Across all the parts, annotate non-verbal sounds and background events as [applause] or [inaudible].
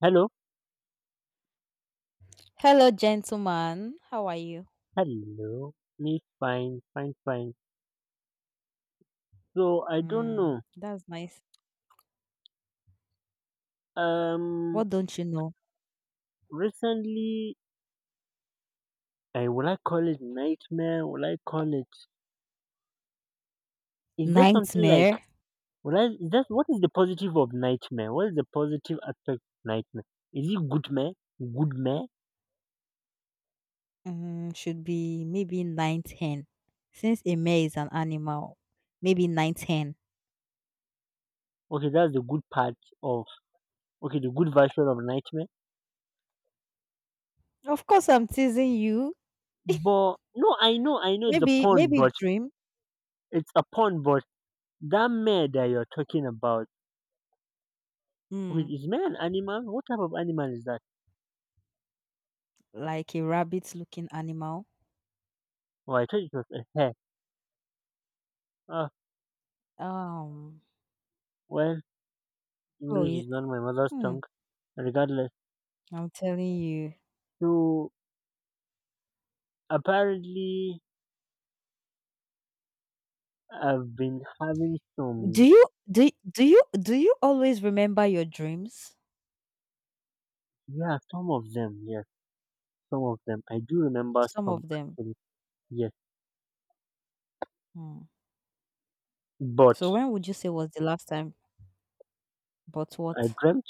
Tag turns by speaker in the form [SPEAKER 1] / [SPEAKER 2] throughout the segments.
[SPEAKER 1] Hello,
[SPEAKER 2] Hello, gentleman. How are you?
[SPEAKER 1] hello. Me fine, fine, fine. So I don't
[SPEAKER 2] Mm,
[SPEAKER 1] know.
[SPEAKER 2] that's nice.
[SPEAKER 1] Um,
[SPEAKER 2] What don't you know?
[SPEAKER 1] Recently, I will I call it nightmare? Will I call it? Is there something like?
[SPEAKER 2] Nightmare.
[SPEAKER 1] Will I? Is that what is the positive of nightmare? What is the positive aspect of nightmare? Is it good man? Good man?
[SPEAKER 2] Should be maybe ninth hen. Since a mare is an animal, maybe ninth hen.
[SPEAKER 1] Okay, that's the good part of okay, the good version of nightmare.
[SPEAKER 2] Of course, I'm teasing you.
[SPEAKER 1] But no, I know it's a
[SPEAKER 2] Maybe,
[SPEAKER 1] pun,
[SPEAKER 2] maybe
[SPEAKER 1] but
[SPEAKER 2] dream.
[SPEAKER 1] it's a pun, but that mare that you're talking about, wait,
[SPEAKER 2] Mm,
[SPEAKER 1] is man an animal? What type of animal is that?
[SPEAKER 2] like a rabbit-looking animal.
[SPEAKER 1] Oh, I thought it was a hair. Ah,
[SPEAKER 2] Um.
[SPEAKER 1] well,
[SPEAKER 2] Oh,
[SPEAKER 1] English is not my mother's
[SPEAKER 2] hmm,
[SPEAKER 1] tongue. Regardless,
[SPEAKER 2] I'm telling you.
[SPEAKER 1] so apparently I've been having
[SPEAKER 2] Do
[SPEAKER 1] some,
[SPEAKER 2] you do do you do you always remember your dreams?
[SPEAKER 1] yeah, some of them, yes, some of them. I do remember
[SPEAKER 2] Some
[SPEAKER 1] some
[SPEAKER 2] of them.
[SPEAKER 1] actually, yes.
[SPEAKER 2] Hmm.
[SPEAKER 1] But
[SPEAKER 2] So when would you say was the last time? But
[SPEAKER 1] I
[SPEAKER 2] what?
[SPEAKER 1] dreamt,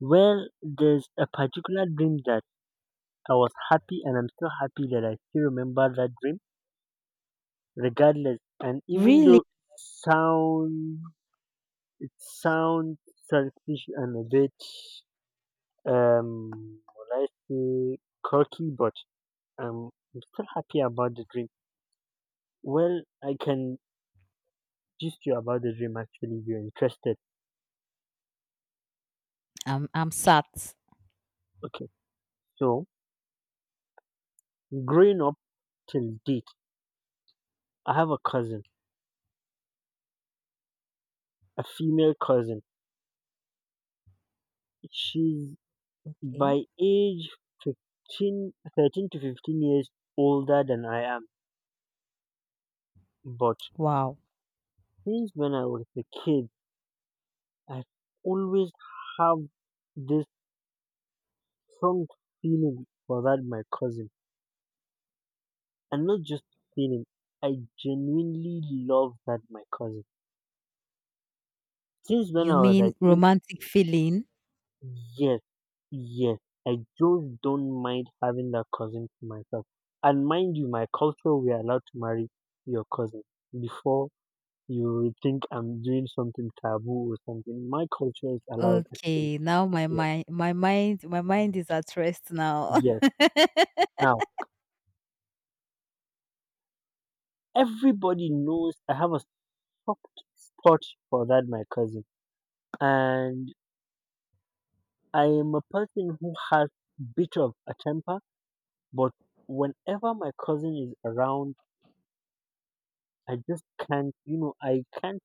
[SPEAKER 1] well, there's a particular dream that I was happy and I'm still happy that I still remember that dream, regardless. And even though
[SPEAKER 2] Really?
[SPEAKER 1] it sound, it sounds selfish and a bit will I say quirky, but I'm still happy about the dream. Well, I can gist you about the dream actually if you're interested.
[SPEAKER 2] I'm sat.
[SPEAKER 1] Okay, so growing up till date, I have a cousin, a female cousin. She's
[SPEAKER 2] Okay.
[SPEAKER 1] by age 15, 13 to 15 years older than I am. But
[SPEAKER 2] Wow.
[SPEAKER 1] since when I was a kid, I always have this strong feeling for that, my cousin. I'm not just feeling. I genuinely love that my cousin. Since when
[SPEAKER 2] You
[SPEAKER 1] I was, I
[SPEAKER 2] mean
[SPEAKER 1] think,
[SPEAKER 2] romantic feeling?
[SPEAKER 1] yes, yes, I just don't mind having that cousin to myself. And mind you, my culture, we're allowed to marry your cousin before you will think I'm doing something taboo or something. My culture is allowed, actually.
[SPEAKER 2] Okay, now my
[SPEAKER 1] Yes,
[SPEAKER 2] mind my mind my mind is at rest now.
[SPEAKER 1] yes. Now, everybody knows I have a soft spot for that, my cousin. And I am a person who has bit of a temper, but whenever my cousin is around, I just can't, you know, I can't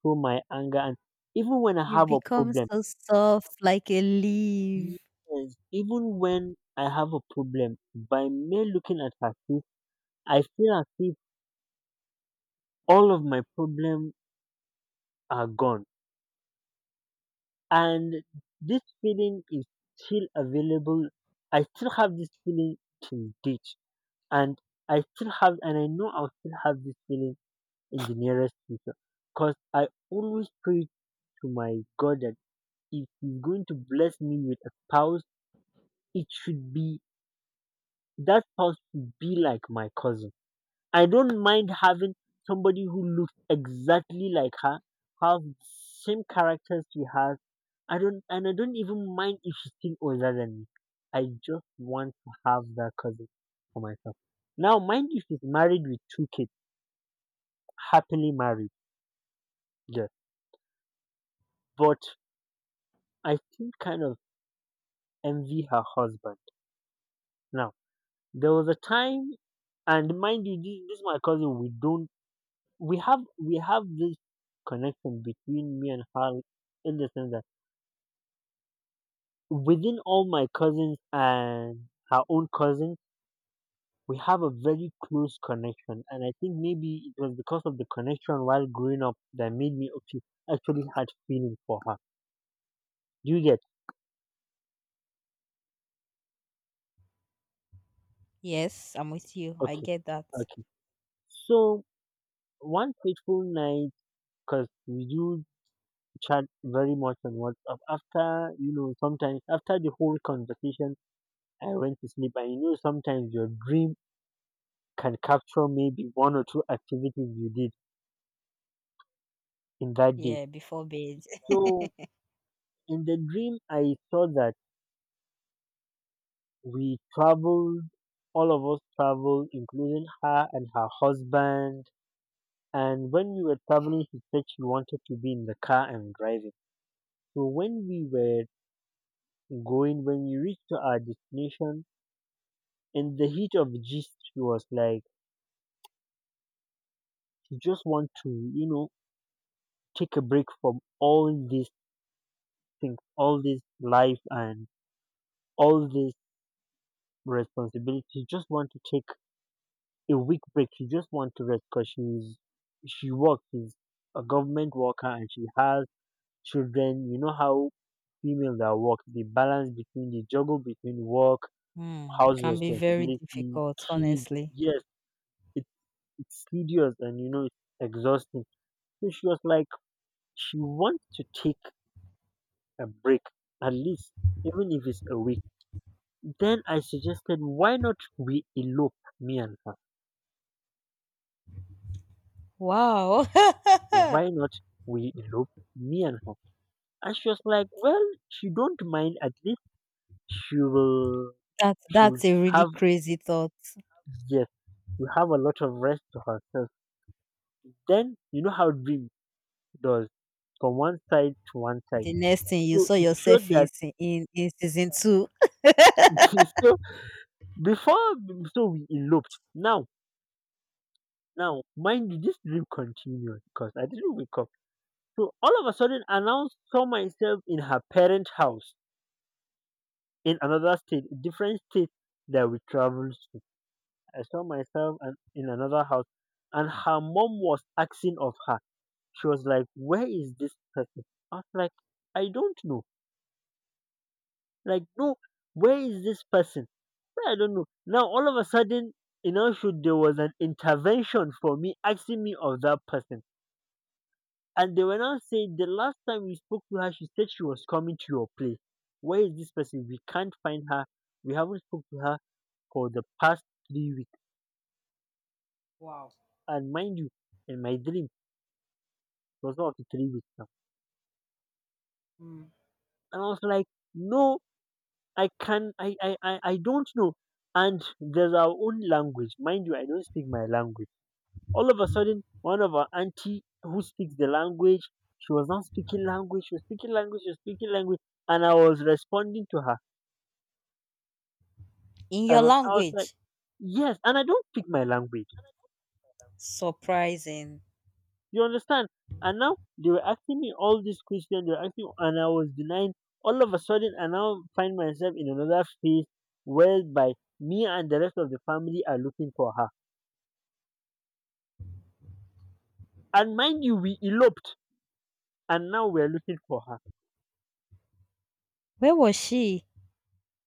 [SPEAKER 1] show my anger. And even when I
[SPEAKER 2] [laughs] You
[SPEAKER 1] have a
[SPEAKER 2] become
[SPEAKER 1] problem,
[SPEAKER 2] so soft like a leaf.
[SPEAKER 1] yes, even when I have a problem, by me looking at her face, I feel as if all of my problems are gone. And this feeling is still available. I still have this feeling till date. And I still have, and I know I'll still have this feeling in the nearest future. Because I always pray to my God that if He's going to bless me with a spouse, it should be that spouse should be like my cousin. I don't mind having somebody who looks exactly like her, have the same characters she has. I don't and I don't even mind if she's still older than me. I just want to have that cousin for myself. Now mind if she's married with two kids, happily married, yes. But I still kind of envy her husband. Now, there was a time, and mind you, this is my cousin. We don't, we have this connection between me and her in the sense that within all my cousins and her own cousin, we have a very close connection. And I think maybe it was because of the connection while growing up that made me actually had feeling for her. Do you get?
[SPEAKER 2] Yes, I'm with you. I
[SPEAKER 1] Okay,
[SPEAKER 2] get that.
[SPEAKER 1] okay. So one fateful night, because we do chat very much on WhatsApp. After you know, sometimes after the whole conversation, I went to sleep. And you know, sometimes your dream can capture maybe one or two activities you did in that day.
[SPEAKER 2] Yeah, before bed. [laughs]
[SPEAKER 1] So in the dream, I saw that we traveled. All of us traveled, including her and her husband. And when we were traveling, she said she wanted to be in the car and driving. So when we were going, when we reached to our destination, in the heat of the gist, she was like, you just want to you know take a break from all these things, all this life, and all this responsibility. You just want to take a week break, you just want to rest, because she works, she's a government worker and she has children. You know how females that work, the balance between the juggle between work, house
[SPEAKER 2] Can be very
[SPEAKER 1] responsibility,
[SPEAKER 2] difficult,
[SPEAKER 1] kids,
[SPEAKER 2] honestly.
[SPEAKER 1] yes, it, it's tedious and you know it's exhausting. So she was like she wants to take a break, at least, even if it's a week. Then I suggested, why not we elope, me and her?
[SPEAKER 2] Wow. [laughs]
[SPEAKER 1] Why not we elope, me and her? And she was like, well, she don't mind. At least she will,
[SPEAKER 2] that
[SPEAKER 1] she will
[SPEAKER 2] that's a really
[SPEAKER 1] have,
[SPEAKER 2] crazy thought.
[SPEAKER 1] yes, you have a lot of rest to herself. Then you know how dream does from one side to one side.
[SPEAKER 2] The next thing you
[SPEAKER 1] So
[SPEAKER 2] saw
[SPEAKER 1] it showed
[SPEAKER 2] yourself
[SPEAKER 1] that
[SPEAKER 2] is in season two.
[SPEAKER 1] [laughs] so before so we eloped. now, mind you, this dream continued because I didn't wake up. So all of a sudden, I now saw myself in her parent house in another state, different state that we traveled to. I saw myself in another house, and her mom was asking of her. She was like, "Where is this person?" I was like, "I don't know." Like, no, where is this person? "Well, I don't know. Now all of a sudden, you know, should there was an intervention for me asking me of that person. And they were now saying the last time we spoke to her, she said she was coming to your place. Where is this person? We can't find her. We haven't spoke to her for the past 3 weeks. And mind you, in my dream, it was not up to 3 weeks now. And I was like, no, I can I don't know. And there's our own language. Mind you, I don't speak my language. All of a sudden, one of our auntie who speaks the language, she was not speaking language, she was speaking language, she was speaking language, and I was responding to her.
[SPEAKER 2] In your
[SPEAKER 1] And I was like,
[SPEAKER 2] language.
[SPEAKER 1] yes, and I don't speak my language.
[SPEAKER 2] Surprising.
[SPEAKER 1] You understand? And now they were asking me all these questions, they were asking, and I was denying. All of a sudden, I now find myself in another phase whereby me and the rest of the family are looking for her. And mind you, we eloped, and now we're looking for her.
[SPEAKER 2] Where was she?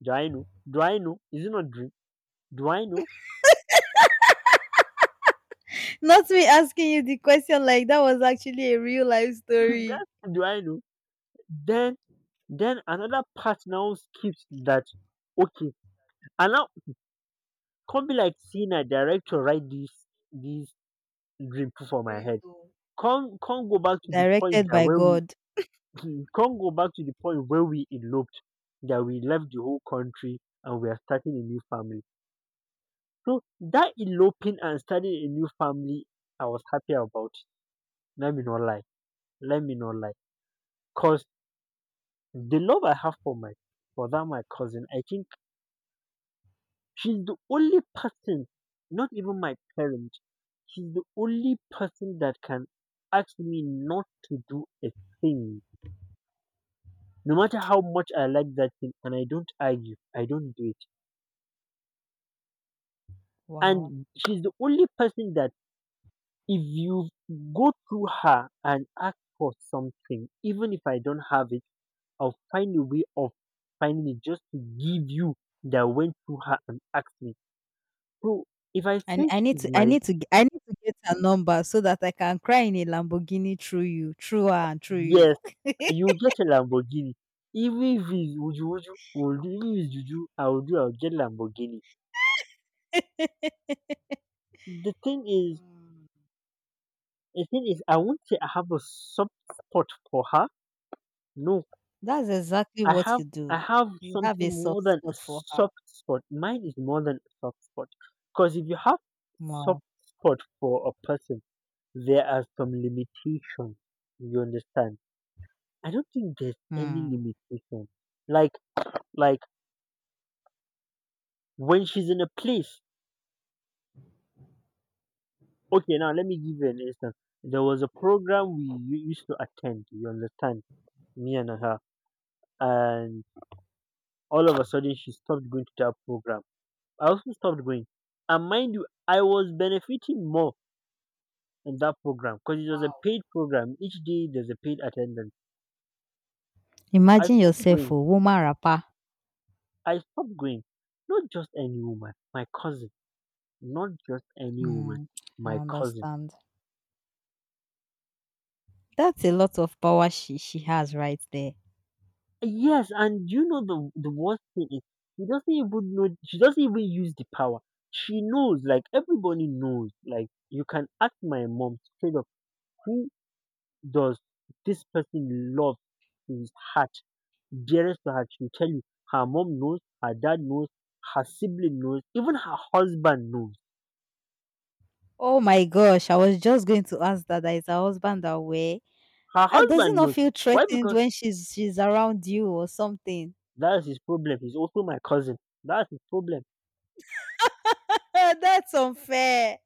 [SPEAKER 1] Do I know? Do I know? Is it not dream? Do I know?
[SPEAKER 2] Not me asking you the question like that was actually a real life
[SPEAKER 1] [laughs]
[SPEAKER 2] story.
[SPEAKER 1] That's do I know? Then, then another part now skips that. Okay, and now come be like sey na director write this this dream put for my
[SPEAKER 2] Great.
[SPEAKER 1] head. Come go back to the point
[SPEAKER 2] Directed
[SPEAKER 1] that
[SPEAKER 2] by
[SPEAKER 1] where we
[SPEAKER 2] God.
[SPEAKER 1] [laughs] come go back to the point where we eloped, that we left the whole country and we are starting a new family. So that eloping and starting a new family, I was happy about it, let me not lie, let me not lie. Cause the love I have for that my cousin, I think she's the only person, not even my parents, she's the only person that can ask me not to do a thing. No matter how much I like that thing, and I don't argue, I don't do it.
[SPEAKER 2] Wow.
[SPEAKER 1] And she's the only person that if you go through her and ask for something, even if I don't have it, I'll find a way of finding it just to give you that went through her and asked me. So if I say she's
[SPEAKER 2] I
[SPEAKER 1] my,
[SPEAKER 2] need to g- I need to get her number so that I can cry in a Lamborghini through you, through her and through
[SPEAKER 1] yes,
[SPEAKER 2] you.
[SPEAKER 1] you'll get a Lamborghini. Even if it's wuju wuju, we'll do. Even if it's juju, I will do. I'll get Lamborghini.
[SPEAKER 2] [laughs]
[SPEAKER 1] The thing is,
[SPEAKER 2] Mm.
[SPEAKER 1] the thing is, I won't say I have a soft spot for her. No,
[SPEAKER 2] That's exactly
[SPEAKER 1] I
[SPEAKER 2] what
[SPEAKER 1] have,
[SPEAKER 2] you
[SPEAKER 1] I
[SPEAKER 2] do.
[SPEAKER 1] have
[SPEAKER 2] You have
[SPEAKER 1] something
[SPEAKER 2] a
[SPEAKER 1] more
[SPEAKER 2] soft
[SPEAKER 1] than a
[SPEAKER 2] spot for her.
[SPEAKER 1] soft spot. Mine is more than a soft spot. Because if you have soft
[SPEAKER 2] Wow.
[SPEAKER 1] spot for a person, there are some limitations. You understand? I don't think there's any
[SPEAKER 2] Hmm.
[SPEAKER 1] limitation. Like, like when she's in a place. Okay, now let me give you an instance. There was a program we used to attend, you understand, me and her, and all of a sudden she stopped going to that program. I also stopped going. And mind you, I was benefiting more in that program because it was a
[SPEAKER 2] Wow.
[SPEAKER 1] paid program. Each day there's a paid attendance. I
[SPEAKER 2] Imagine
[SPEAKER 1] stopped
[SPEAKER 2] yourself
[SPEAKER 1] going.
[SPEAKER 2] a woman rapper.
[SPEAKER 1] I stopped going. Not just any woman, my cousin. Not just any woman,
[SPEAKER 2] Mm. I
[SPEAKER 1] my cousin.
[SPEAKER 2] understand. That's a lot of power she has right there.
[SPEAKER 1] Yes, and you know the worst thing is she doesn't even know, she doesn't even use the power. She knows, like everybody knows. Like you can ask my mom straight up who does this person love to his heart, dearest to her, she'll tell you. Her mom knows, her dad knows, her sibling knows, even her husband knows.
[SPEAKER 2] Oh my gosh, I was just going to ask that is her husband away.
[SPEAKER 1] Her
[SPEAKER 2] Does he
[SPEAKER 1] husband
[SPEAKER 2] not
[SPEAKER 1] knows.
[SPEAKER 2] feel
[SPEAKER 1] Why?
[SPEAKER 2] threatened
[SPEAKER 1] Because
[SPEAKER 2] when she's around you or something?
[SPEAKER 1] that's his problem. He's also my cousin. That's his problem.
[SPEAKER 2] [laughs] That's unfair.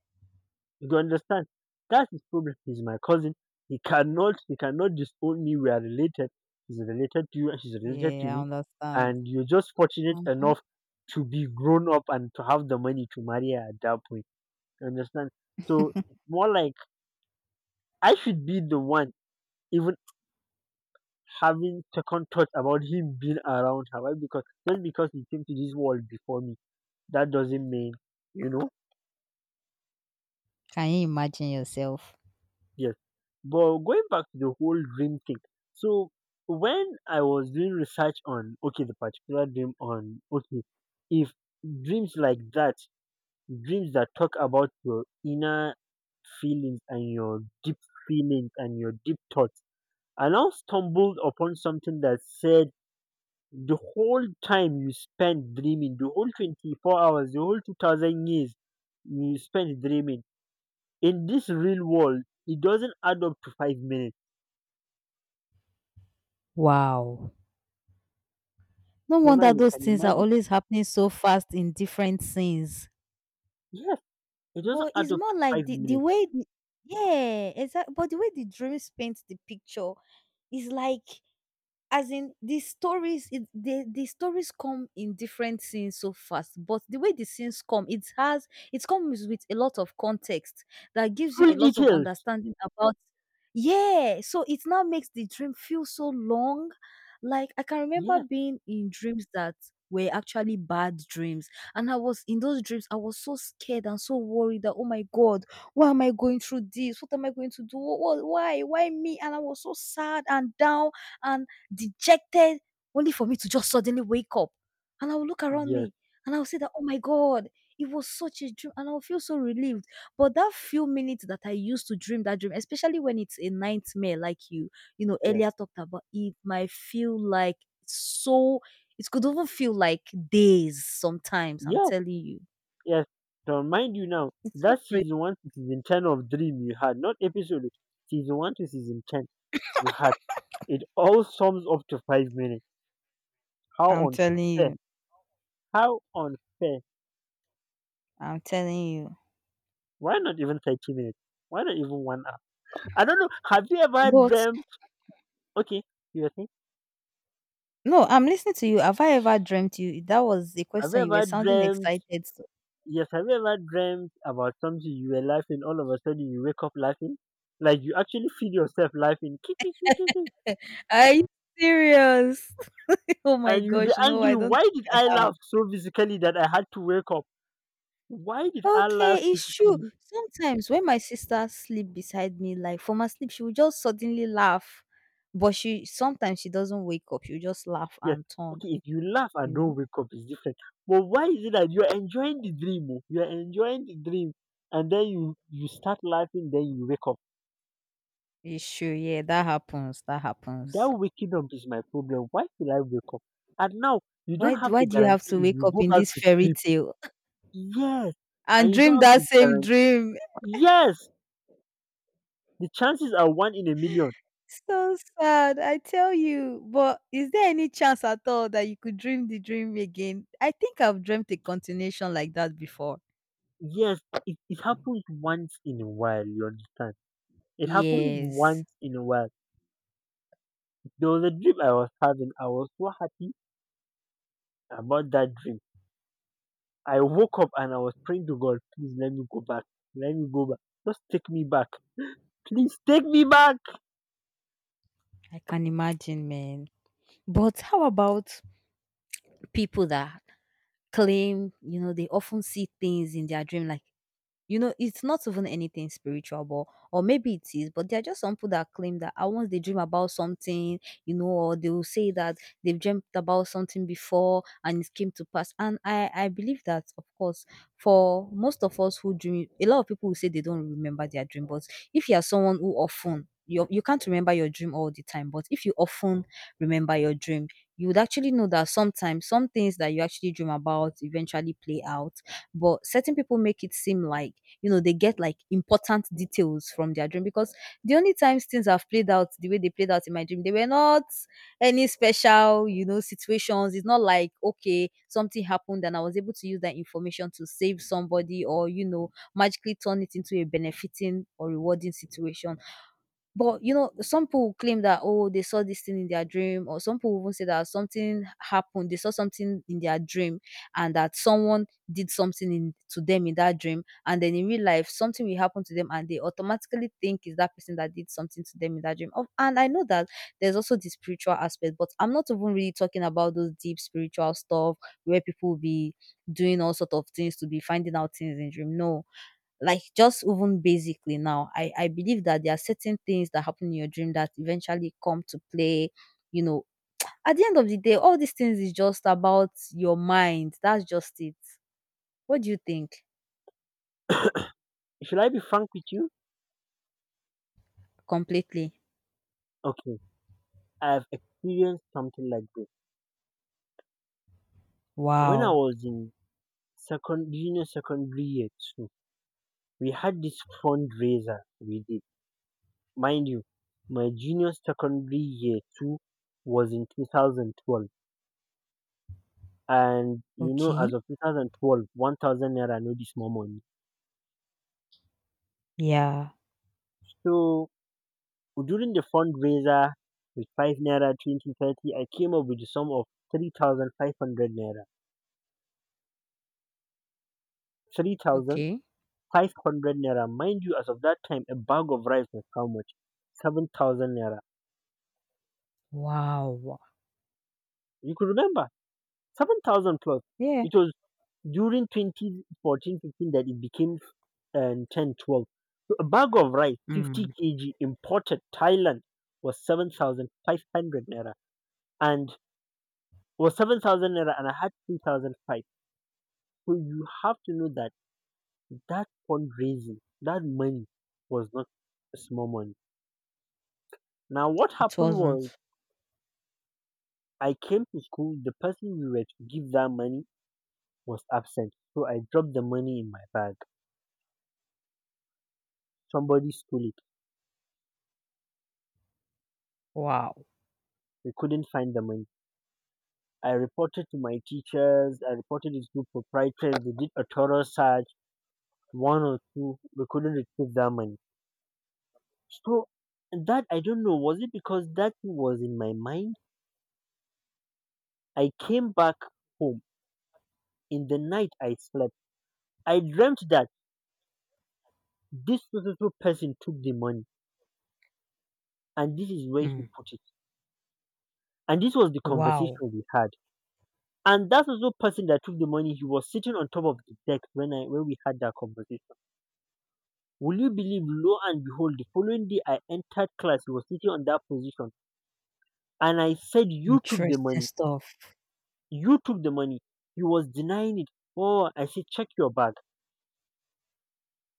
[SPEAKER 1] You understand? That's his problem. He's my cousin. He cannot disown me. We are related. He's related to you and she's related to
[SPEAKER 2] Yeah, I
[SPEAKER 1] me.
[SPEAKER 2] understand.
[SPEAKER 1] And you're just fortunate
[SPEAKER 2] Mhm.
[SPEAKER 1] enough to be grown up and to have the money to marry her at that point. You understand? So it's more like I should be the one even having second thoughts about him being around her. Why? Because just because he came to this world before me, that doesn't mean you know.
[SPEAKER 2] Can you imagine yourself?
[SPEAKER 1] Yes. But going back to the whole dream thing, so when I was doing research on, okay, the particular dream on, okay, if dreams like that, dreams that talk about your inner feelings and your deep feelings and your deep thoughts, I now stumbled upon something that said the whole time you spend dreaming, the whole 24 hours, the whole 2,000 years you spend dreaming in this real world, it doesn't add up to 5 minutes.
[SPEAKER 2] Wow. No
[SPEAKER 1] So now
[SPEAKER 2] wonder
[SPEAKER 1] you
[SPEAKER 2] those
[SPEAKER 1] can
[SPEAKER 2] things are
[SPEAKER 1] imagine.
[SPEAKER 2] always happening so fast in different scenes.
[SPEAKER 1] Yes, it doesn't
[SPEAKER 2] But
[SPEAKER 1] add
[SPEAKER 2] it's
[SPEAKER 1] up to
[SPEAKER 2] more like
[SPEAKER 1] five
[SPEAKER 2] the, the
[SPEAKER 1] minutes.
[SPEAKER 2] way, the, yeah, exactly. But the way the dreams paint the picture is like. As in these stories, it the stories come in different scenes so fast, but the way the scenes come, it comes with a lot of context that gives you
[SPEAKER 1] Full
[SPEAKER 2] a lot of
[SPEAKER 1] details.
[SPEAKER 2] understanding about. Yeah, so it now makes the dream feel so long. Like I can remember
[SPEAKER 1] Yes,
[SPEAKER 2] being in dreams that were actually bad dreams, and I was in those dreams, I was so scared and so worried that oh my God, why am I going through this? What am I going to do? What, why? Why me? And I was so sad and down and dejected, only for me to just suddenly wake up. And I will look around
[SPEAKER 1] yes,
[SPEAKER 2] me and I will say that, oh my God, it was such a dream. And I'll feel so relieved. But that few minutes that I used to dream that dream, especially when it's a nightmare like you know,
[SPEAKER 1] yes,
[SPEAKER 2] earlier talked about, it might feel like so, it could even feel like days sometimes. I'm
[SPEAKER 1] yes,
[SPEAKER 2] telling you.
[SPEAKER 1] yes. So mind you now,
[SPEAKER 2] It's so
[SPEAKER 1] that's
[SPEAKER 2] crazy.
[SPEAKER 1] season one to season ten of dream you had, not episode. Season one to season ten you had. It all sums up to 5 minutes. How
[SPEAKER 2] I'm telling
[SPEAKER 1] unfair.
[SPEAKER 2] you.
[SPEAKER 1] How unfair.
[SPEAKER 2] I'm telling you.
[SPEAKER 1] Why not even 30 minutes? Why not even 1 hour? I don't know. Have you ever
[SPEAKER 2] But
[SPEAKER 1] dreamt? Okay, you were saying,
[SPEAKER 2] no, I'm listening to you. Have I ever dreamt you? That was the
[SPEAKER 1] have you
[SPEAKER 2] question. You were
[SPEAKER 1] ever
[SPEAKER 2] sounding
[SPEAKER 1] dreamt?
[SPEAKER 2] excited.
[SPEAKER 1] Yes, have you ever dreamt about something you were laughing, all of a sudden you wake up laughing? Like you actually feel yourself laughing. "Ki- ki- ki- ki- ki."
[SPEAKER 2] [laughs] Are you serious? [laughs] Oh my
[SPEAKER 1] And you'll be
[SPEAKER 2] gosh, no,
[SPEAKER 1] angry.
[SPEAKER 2] I don't
[SPEAKER 1] Why did
[SPEAKER 2] think
[SPEAKER 1] I
[SPEAKER 2] I have.
[SPEAKER 1] laugh so physically that I had to wake up? Why did I laugh
[SPEAKER 2] Okay, it's true.
[SPEAKER 1] physically?
[SPEAKER 2] Sometimes when my sister sleep beside me, like from her sleep, she will just suddenly laugh. But she sometimes she doesn't wake up. She'll just laugh
[SPEAKER 1] Yes.
[SPEAKER 2] and turn,
[SPEAKER 1] Okay, if you laugh
[SPEAKER 2] you
[SPEAKER 1] and don't
[SPEAKER 2] know?
[SPEAKER 1] wake up, it's different. But why is it that you're enjoying the dream? Oh, you're enjoying the dream. And then you start laughing, then you wake up.
[SPEAKER 2] It's true, yeah, that happens. That
[SPEAKER 1] That
[SPEAKER 2] happens.
[SPEAKER 1] waking up is my problem. Why should I wake up? And now you don't
[SPEAKER 2] Why do,
[SPEAKER 1] have the
[SPEAKER 2] why do you
[SPEAKER 1] guarantee
[SPEAKER 2] have to
[SPEAKER 1] if
[SPEAKER 2] wake
[SPEAKER 1] you
[SPEAKER 2] up
[SPEAKER 1] go
[SPEAKER 2] in
[SPEAKER 1] back
[SPEAKER 2] this
[SPEAKER 1] to
[SPEAKER 2] fairy
[SPEAKER 1] sleep.
[SPEAKER 2] tale
[SPEAKER 1] Yes,
[SPEAKER 2] [laughs]
[SPEAKER 1] and
[SPEAKER 2] and
[SPEAKER 1] you don't
[SPEAKER 2] dream
[SPEAKER 1] have to
[SPEAKER 2] that
[SPEAKER 1] be
[SPEAKER 2] same
[SPEAKER 1] guaranteed.
[SPEAKER 2] dream?
[SPEAKER 1] Yes, the chances are one in a million.
[SPEAKER 2] So sad, I tell you. But is there any chance at all that you could dream the dream again? I think I've dreamt a continuation like that before.
[SPEAKER 1] Yes, it happens once in a while, you understand? It happens
[SPEAKER 2] Yes,
[SPEAKER 1] once in a while. There was a dream I was having. I was so happy about that dream. I woke up and I was praying to God, please let me go back. Let me go back. Just take me back. Please take me back.
[SPEAKER 2] I can imagine, man. But how about people that claim, you know, they often see things in their dream, like. You know, it's not even anything spiritual, but or maybe it is, but there are just some people that claim that ah, once they dream about something, you know, or they will say that they've dreamt about something before and it came to pass. And I believe that, of course, for most of us who dream, a lot of people will say they don't remember their dream, but if you are someone who often you can't remember your dream all the time, but if you often remember your dream, you would actually know that sometimes some things that you actually dream about eventually play out. But certain people make it seem like you know, they get like important details from their dream because the only times things have played out the way they played out in my dream, they were not any special, you know, situations. It's not like, okay, something happened and I was able to use that information to save somebody or, you know, magically turn it into a benefiting or rewarding situation. But, you know, some people claim that, "Oh, they saw this thing in their dream," or some people even say that something happened, they saw something in their dream and that someone did something in to them in that dream, and then in real life, something will happen to them and they automatically think it's that person that did something to them in that dream. Of and I know that there's also the spiritual aspect, but I'm not even really talking about those deep spiritual stuff where people will be doing all sort of things to be finding out things in dream. No. Like just even basically now, I believe that there are certain things that happen in your dream that eventually come to play, you know. At the end of the day, all these things is just about your mind. That's just it. What do you think?
[SPEAKER 1] Should I be frank with you?
[SPEAKER 2] Completely.
[SPEAKER 1] Okay, I have experienced something like this. When I
[SPEAKER 2] Wow.
[SPEAKER 1] was in second junior secondary year two, we had this fundraiser we did. Mind you, my junior secondary year two was in 2012. And you know,
[SPEAKER 2] Okay.
[SPEAKER 1] as of 2012, 1,000 naira no be small money.
[SPEAKER 2] Yeah.
[SPEAKER 1] So during the fundraiser with 5 naira, 20, 30, I came up with the sum of 3,500 naira.
[SPEAKER 2] Okay.
[SPEAKER 1] 3,500 naira. Mind you, as of that time, a bag of rice was how much? 7,000 naira.
[SPEAKER 2] Wow.
[SPEAKER 1] You could remember. 7,000 plus.
[SPEAKER 2] Yeah.
[SPEAKER 1] It was during 2014 15 that it became 10 12. So a bag of rice, 50
[SPEAKER 2] Mm.
[SPEAKER 1] kg, imported Thailand, was 7,500 naira and was 7,000 naira, and I had 3,005. So you have to know that that fundraising, that money was not a small money. Now, what
[SPEAKER 2] It
[SPEAKER 1] happened was
[SPEAKER 2] wasn't.
[SPEAKER 1] I came to school, the person we were to give that money was absent. So I dropped the money in my bag. Somebody stole it.
[SPEAKER 2] Wow.
[SPEAKER 1] They couldn't find the money. I reported to my teachers, I reported it to proprietors, they did a thorough search, one or two, we couldn't retrieve that money. So that, I don't know, was it because that thing was in my mind? I came back home. In the night I slept. I dreamt that this so so so person took the money and this is where he
[SPEAKER 2] Mm.
[SPEAKER 1] put it. And this was the
[SPEAKER 2] Wow.
[SPEAKER 1] conversation we had. And that so so person that took the money, he was sitting on top of the deck when we had that conversation. Will you believe, lo and behold, the following day I entered class, he was sitting on that position. And I said, "You took the
[SPEAKER 2] Interesting
[SPEAKER 1] money.
[SPEAKER 2] stuff.
[SPEAKER 1] You took the money." He was denying it. Oh, I said, "Check your bag."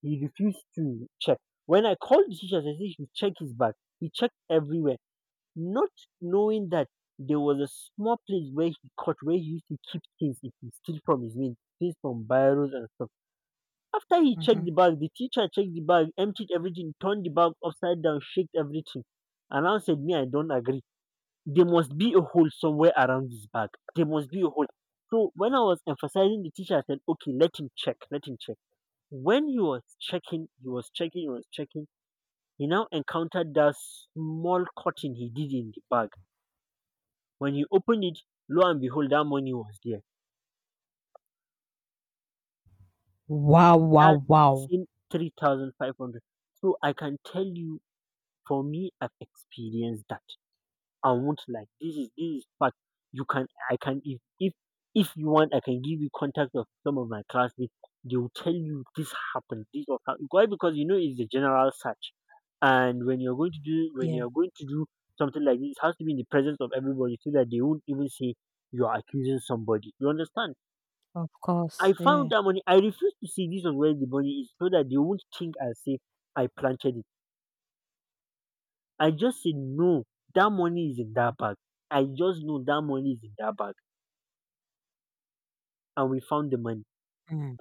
[SPEAKER 1] He refused to check. When I called the teachers, I said, "You check his bag." He checked everywhere, not knowing that there was a small place where he caught, where he used to keep things if he steal from his mates, things from biros and stuff. After he checked
[SPEAKER 2] Hmm.
[SPEAKER 1] the bag, the teacher checked the bag, emptied everything, turned the bag upside down, shook everything, and now said, "Me, I don't agree. There must be a hole somewhere around this bag. There must be a hole." So when I was emphasizing, the teacher said, "Okay, let him check, let him check." When he was checking, he now encountered that small cotton he did in the bag. When he opened it, lo and behold, that money was there.
[SPEAKER 2] Wow.
[SPEAKER 1] That
[SPEAKER 2] Wow. Wow.
[SPEAKER 1] same 3,500. So I can tell you. For me, I've experienced that. I won't lie. This is fact. You can I can if you want, I can give you contact of some of my classmates. They will tell you this happened, this or that. Why? Because you know it's the general search, and when
[SPEAKER 2] Yeah.
[SPEAKER 1] you're going to do something like this, it has to be in the presence of everybody so that they won't even say you are accusing somebody. You understand?
[SPEAKER 2] Of
[SPEAKER 1] I
[SPEAKER 2] course.
[SPEAKER 1] found
[SPEAKER 2] Yeah.
[SPEAKER 1] that money. I refuse to see this on where the money is so that they won't think I say I planted it. I just said, no, that money is in that bag. I just know that money is in that bag. And we found the money.
[SPEAKER 2] Mm.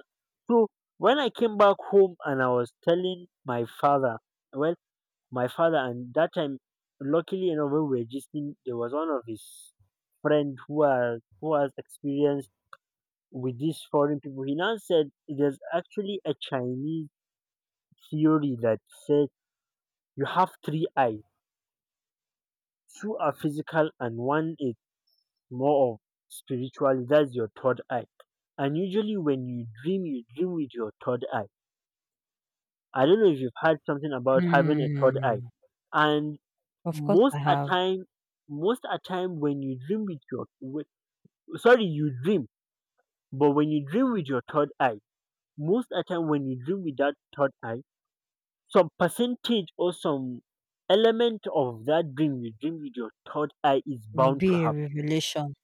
[SPEAKER 1] So when I came back home and I was telling my father, well, my father, and that time, luckily enough, when we were gisting, there was one of his friend who has experience with these foreign people. He now said there's actually a Chinese theory that says you have three eyes. Two are physical and one is more of spirituality. That's your third eye. And usually when you dream with your third eye. I don't know if you've heard something about having a third eye.
[SPEAKER 2] Mm.
[SPEAKER 1] And
[SPEAKER 2] Of course
[SPEAKER 1] most
[SPEAKER 2] I
[SPEAKER 1] a
[SPEAKER 2] have.
[SPEAKER 1] time, most a time when you dream sorry, you dream, but when you dream with your third eye, most a time when you dream with that third eye, some percentage or some element of that dream you dream with your third eye is
[SPEAKER 2] It will
[SPEAKER 1] bound to
[SPEAKER 2] be a
[SPEAKER 1] happen.
[SPEAKER 2] revelation.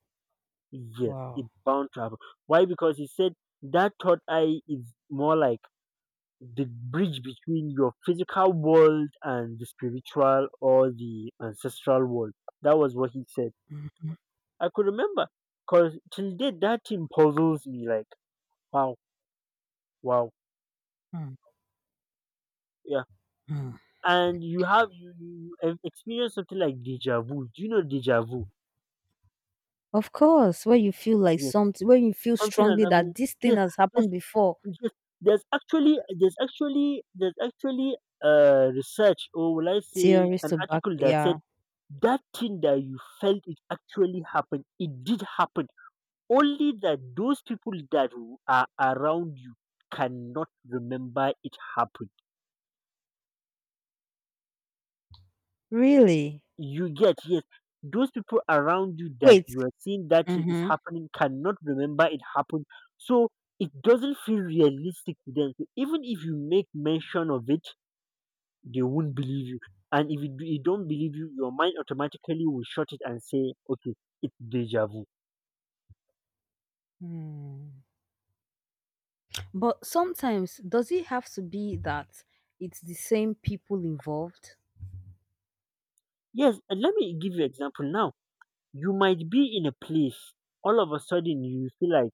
[SPEAKER 1] Yes,
[SPEAKER 2] Wow.
[SPEAKER 1] it's bound to happen. Why? Because he said that third eye is more like the bridge between your physical world and the spiritual or the ancestral world. That was what he said.
[SPEAKER 2] Mhm,
[SPEAKER 1] I could remember because till date that thing puzzles me, like, wow, wow,
[SPEAKER 2] mm,
[SPEAKER 1] yeah.
[SPEAKER 2] mm.
[SPEAKER 1] And you have experienced something like deja vu. Do you know deja vu?
[SPEAKER 2] Of course, where you feel like
[SPEAKER 1] Yes,
[SPEAKER 2] something, when you feel
[SPEAKER 1] something has
[SPEAKER 2] strongly
[SPEAKER 1] happened.
[SPEAKER 2] that this thing
[SPEAKER 1] Yes,
[SPEAKER 2] has
[SPEAKER 1] yes.
[SPEAKER 2] happened before,
[SPEAKER 1] Just there's actually a research, or will I say
[SPEAKER 2] theories
[SPEAKER 1] an
[SPEAKER 2] to back,
[SPEAKER 1] article, that said
[SPEAKER 2] yeah.
[SPEAKER 1] that thing that you felt, it actually happened, it did happen. Only that those people that are around you cannot remember it happened.
[SPEAKER 2] Really?
[SPEAKER 1] You get, yes. Those people around you that
[SPEAKER 2] Wait.
[SPEAKER 1] you are seeing that thing is
[SPEAKER 2] Mm-hmm.
[SPEAKER 1] happening cannot remember it happened. So it doesn't feel realistic to them. So even if you make mention of it, they won't believe you. And if you don't believe you, your mind automatically will shut it and say, okay, it's deja vu.
[SPEAKER 2] Hmm. But sometimes, does it have to be that it's the same people involved?
[SPEAKER 1] Yes, and let me give you example now. You might be in a place, all of a sudden you feel like,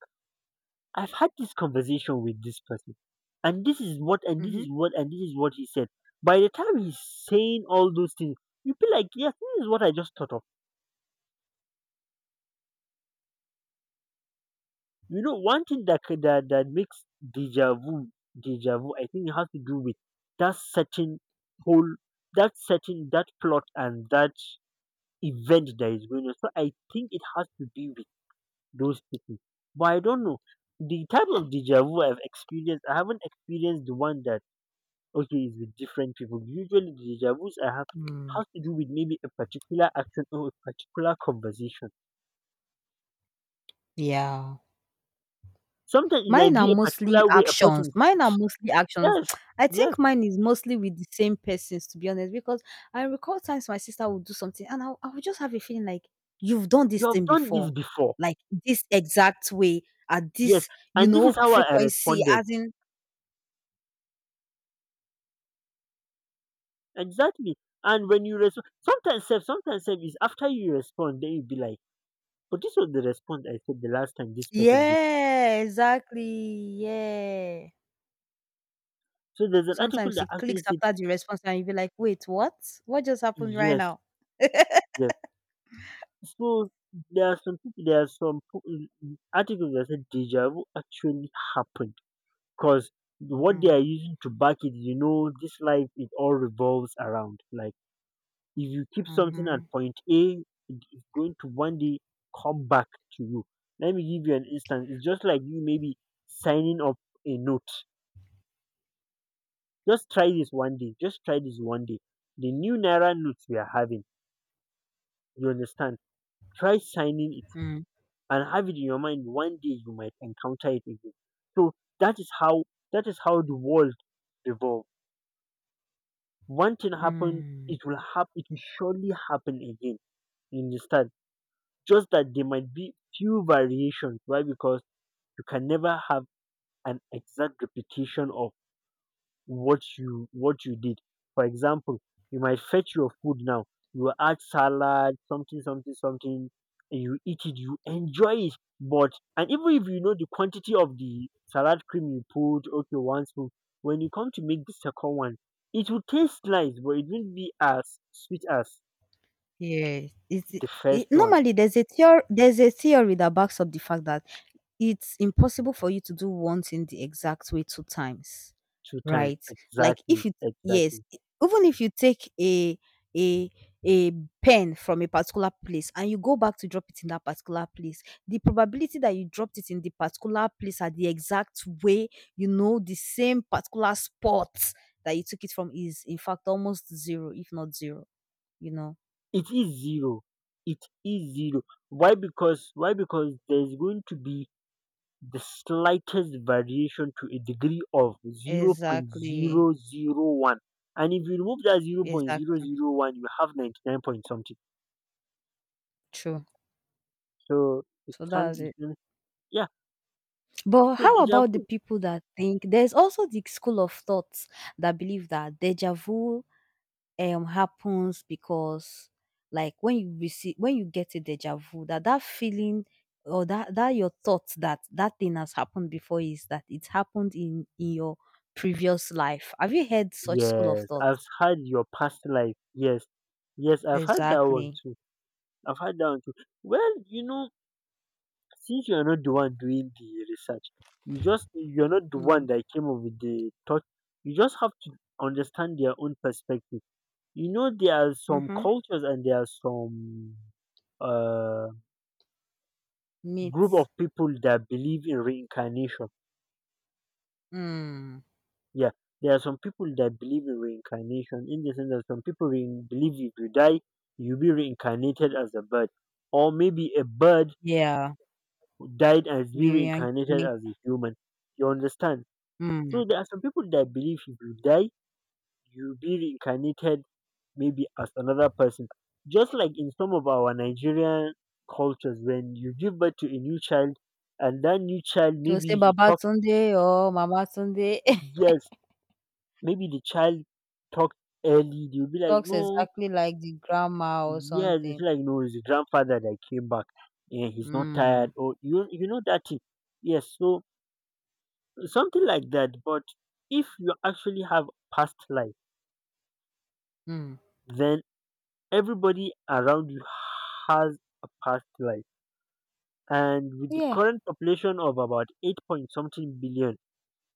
[SPEAKER 1] I've had this conversation with this person, and this is what, and this
[SPEAKER 2] Mm-hmm.
[SPEAKER 1] is what, and this is what he said. By the time he's saying all those things, you feel like, yes, this is what I just thought of. You know, one thing that makes deja vu, I think it has to do with that certain whole, that certain, that plot and that event that is going on. So I think it has to be with those people. But I don't know. The type of deja vu I've experienced, I haven't experienced the one that, okay, is with different people. Usually the deja vus I have
[SPEAKER 2] Hmm.
[SPEAKER 1] has to do with maybe a particular action or a particular conversation.
[SPEAKER 2] Yeah.
[SPEAKER 1] Sometimes it might
[SPEAKER 2] Mine are
[SPEAKER 1] be a
[SPEAKER 2] mostly
[SPEAKER 1] particular way a
[SPEAKER 2] actions.
[SPEAKER 1] person
[SPEAKER 2] Mine are
[SPEAKER 1] sits.
[SPEAKER 2] mostly actions.
[SPEAKER 1] Yes,
[SPEAKER 2] [tsk] I
[SPEAKER 1] yes.
[SPEAKER 2] think mine is mostly with the same persons, to be honest, because I recall times my sister would do something and I would just have a feeling like, you've done
[SPEAKER 1] You
[SPEAKER 2] this
[SPEAKER 1] have
[SPEAKER 2] thing
[SPEAKER 1] done this
[SPEAKER 2] before,
[SPEAKER 1] before.
[SPEAKER 2] like this exact way, at
[SPEAKER 1] Yes,
[SPEAKER 2] this, you
[SPEAKER 1] and this is
[SPEAKER 2] know,
[SPEAKER 1] how I
[SPEAKER 2] frequency,
[SPEAKER 1] responded.
[SPEAKER 2] as in,
[SPEAKER 1] Exactly. And when you respond, sometimes self is after you respond, then you be like, "but this was the response I said the last time this person did this."
[SPEAKER 2] yeah, exactly. Yeah.
[SPEAKER 1] So there's an article
[SPEAKER 2] Sometimes
[SPEAKER 1] that
[SPEAKER 2] it
[SPEAKER 1] actually
[SPEAKER 2] clicks
[SPEAKER 1] said,
[SPEAKER 2] after the response and you'll be like, wait, what? What just happened right
[SPEAKER 1] yes,
[SPEAKER 2] now?
[SPEAKER 1] yes. So there are some people, there are some po- articles that said deja vu actually happened because what they are
[SPEAKER 2] Mm,
[SPEAKER 1] using to back it, this life it all revolves around like if you keep something at
[SPEAKER 2] mm-hmm,
[SPEAKER 1] point A, it is going to one day come back to you. Let me give you an instance. It's just like you maybe signing up a note. Just try this one day. Just try this one day. The new Naira notes we are having, you understand? Try signing it
[SPEAKER 2] mm,
[SPEAKER 1] and have it in your mind. One day you might encounter it again. So that is how that is how the world revolves. One thing happens,
[SPEAKER 2] mm.
[SPEAKER 1] it will happen. It will surely happen again. You understand? Just that there might be few variations. Why? Because you can never have an exact repetition of what you did. For example, you might fetch your food now. You add salad, something, something, something. And you eat it. You enjoy it. But and even if you know the quantity of the salad cream you put, okay, one spoon. When you come to make the second one, it will taste nice, but it won't be as sweet as
[SPEAKER 2] Yes, it's
[SPEAKER 1] the first
[SPEAKER 2] I
[SPEAKER 1] one
[SPEAKER 2] Normally there's a theory that backs up the fact that it's impossible for you to do one thing the exact way 2 times,
[SPEAKER 1] two times.
[SPEAKER 2] right? Like,
[SPEAKER 1] Exactly,
[SPEAKER 2] if you yes,
[SPEAKER 1] exactly.
[SPEAKER 2] e even if you take a a pen from a particular place and you go back to drop it in that particular place, the probability that you dropped it in the particular place at the exact way, you know, the same particular spot that you took it from is, in fact, almost zero, if not zero, you know?
[SPEAKER 1] It is zero. It is zero. Why? Because there's going to be the slightest variation to a degree of zero point
[SPEAKER 2] Exactly,
[SPEAKER 1] zero zero 0.001. And if you remove that zero point zero
[SPEAKER 2] exactly,
[SPEAKER 1] zero 0.001, you have 99 point something.
[SPEAKER 2] true.
[SPEAKER 1] So it
[SPEAKER 2] So
[SPEAKER 1] can't,
[SPEAKER 2] that's
[SPEAKER 1] it
[SPEAKER 2] it.
[SPEAKER 1] can yeah.
[SPEAKER 2] But
[SPEAKER 1] So
[SPEAKER 2] how
[SPEAKER 1] deja
[SPEAKER 2] about the
[SPEAKER 1] vu.
[SPEAKER 2] people that think there's also the school of thoughts that believe that deja vu happens because like when you receive when you get a deja vu that that feeling or that your thoughts that thing has happened before is that it happened in your previous life. Have you heard such school of
[SPEAKER 1] Yes, I've
[SPEAKER 2] thoughts?
[SPEAKER 1] had. Your past life. Yes. yes I've had that one
[SPEAKER 2] Exactly.
[SPEAKER 1] too I've had that one too Well, since you're not the one doing the research, you're not the one
[SPEAKER 2] Mm.
[SPEAKER 1] that came up with the thought. You just have to understand their own perspective. You know there are some
[SPEAKER 2] Mm-hmm.
[SPEAKER 1] cultures and there are some uh, group of
[SPEAKER 2] Meets.
[SPEAKER 1] people that believe in reincarnation.
[SPEAKER 2] Mm.
[SPEAKER 1] Yeah, there are some people that believe in reincarnation in the sense that some people believe if you die, you'll be reincarnated as a bird. Or maybe a bird
[SPEAKER 2] Yeah.
[SPEAKER 1] died and is be
[SPEAKER 2] Biryani,
[SPEAKER 1] reincarnated as a human. You understand?
[SPEAKER 2] mm.
[SPEAKER 1] So there are some people that believe if you die, you'll be reincarnated maybe as another person. Just like in some of our Nigerian cultures, when you give birth to a new child and that new child
[SPEAKER 2] She'll
[SPEAKER 1] maybe
[SPEAKER 2] say,
[SPEAKER 1] he talks.
[SPEAKER 2] "Babatunde" or Mama "Mamatunde." [laughs]
[SPEAKER 1] Yes, maybe the child talked early. They will be like,
[SPEAKER 2] Talks
[SPEAKER 1] "No,
[SPEAKER 2] exactly like the grandma or
[SPEAKER 1] yes, it's
[SPEAKER 2] something.
[SPEAKER 1] like no, it's the grandfather that came back and he's not
[SPEAKER 2] Mm,
[SPEAKER 1] tired or you know that thing." Yes, so something like that. But if you actually have past life,
[SPEAKER 2] mm.
[SPEAKER 1] then everybody around you has a past life. And with the
[SPEAKER 2] Yeah,
[SPEAKER 1] current population of about 8 point something billion,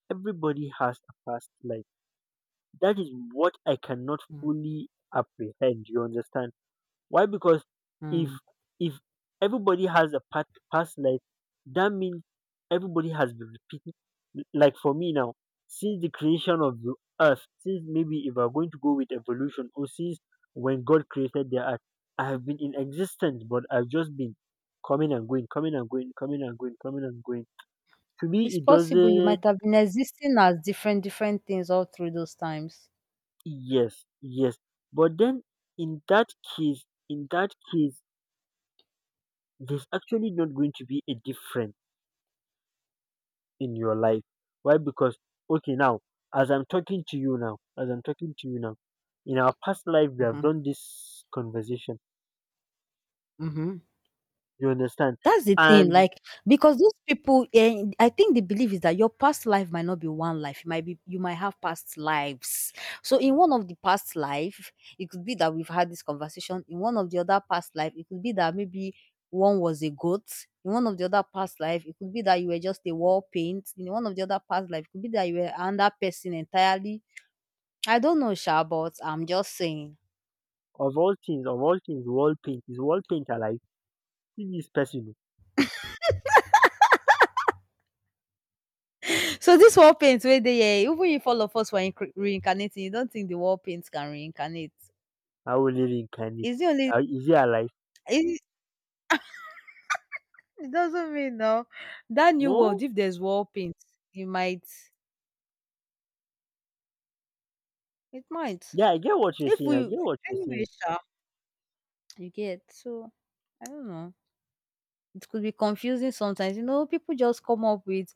[SPEAKER 1] everybody has a past life. That is what I cannot
[SPEAKER 2] mm,
[SPEAKER 1] fully apprehend. You understand? Why? Because if
[SPEAKER 2] mm.
[SPEAKER 1] if everybody has a past life, that means everybody has been repeating. Like for me now, since the creation of the earth, since maybe if we're going to go with evolution, or since when God created the earth, I have been in existence, but I've just been coming and going, coming and going, coming and going, coming and going. To me,
[SPEAKER 2] It's
[SPEAKER 1] it
[SPEAKER 2] possible you
[SPEAKER 1] doesn't.
[SPEAKER 2] might have been existing as different different things all through those times.
[SPEAKER 1] Yes, yes. But then, in that case, there's actually not going to be a difference in your life. Why? Because okay now, as I'm talking to you now, as I'm talking to you now, in our past life we have
[SPEAKER 2] Mhm,
[SPEAKER 1] done this conversation.
[SPEAKER 2] mhm.
[SPEAKER 1] You understand?
[SPEAKER 2] That's the thing,
[SPEAKER 1] And
[SPEAKER 2] like, because those people, eh, I think the belief is that your past life might not be one life. It might be you might have past lives. So in one of the past life, it could be that we've had this conversation. In one of the other past life, it could be that maybe one was a goat. In one of the other past life, it could be that you were just a wall paint. In one of the other past life, it could be that you were another person entirely. I don't know, Sha, but I'm just saying.
[SPEAKER 1] of all things, wall paint alive? Is this person,
[SPEAKER 2] So this wall paint where they even if all of us were inc- reincarnating, you don't think the wall paint can reincarnate?
[SPEAKER 1] how will he reincarnate?
[SPEAKER 2] Is it only
[SPEAKER 1] How, is he alive?
[SPEAKER 2] it it doesn't mean no. That new
[SPEAKER 1] No.
[SPEAKER 2] world, if there's wall paint, it might it might.
[SPEAKER 1] Yeah, I get what you're
[SPEAKER 2] If
[SPEAKER 1] saying.
[SPEAKER 2] we
[SPEAKER 1] I get what you're
[SPEAKER 2] anyway,
[SPEAKER 1] saying.
[SPEAKER 2] sure you get so I don't know. It could be confusing sometimes. You know, people just come up with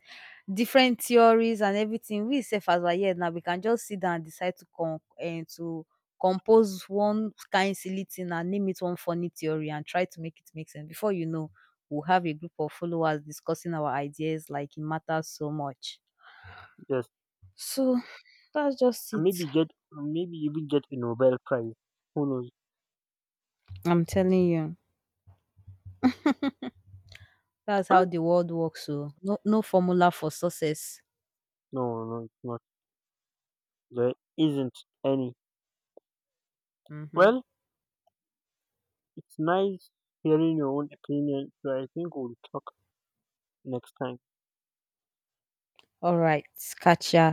[SPEAKER 2] different theories and everything. We self as we're now, we can just sit down and decide to con and to compose one kind silly thing and name it one funny theory and try to make it make sense. Before you know, we'll have a group of followers discussing our ideas like it matters so much.
[SPEAKER 1] Just
[SPEAKER 2] So that's just
[SPEAKER 1] And
[SPEAKER 2] it.
[SPEAKER 1] maybe even get a Nobel Prize. Who knows?
[SPEAKER 2] I'm telling you, that's how
[SPEAKER 1] Huh?
[SPEAKER 2] the world works. So no, no formula for success.
[SPEAKER 1] No, no, it's not. There isn't any.
[SPEAKER 2] Mhm.
[SPEAKER 1] Well, it's nice hearing your own opinion, so I think we'll talk next time.
[SPEAKER 2] All right, catch ya.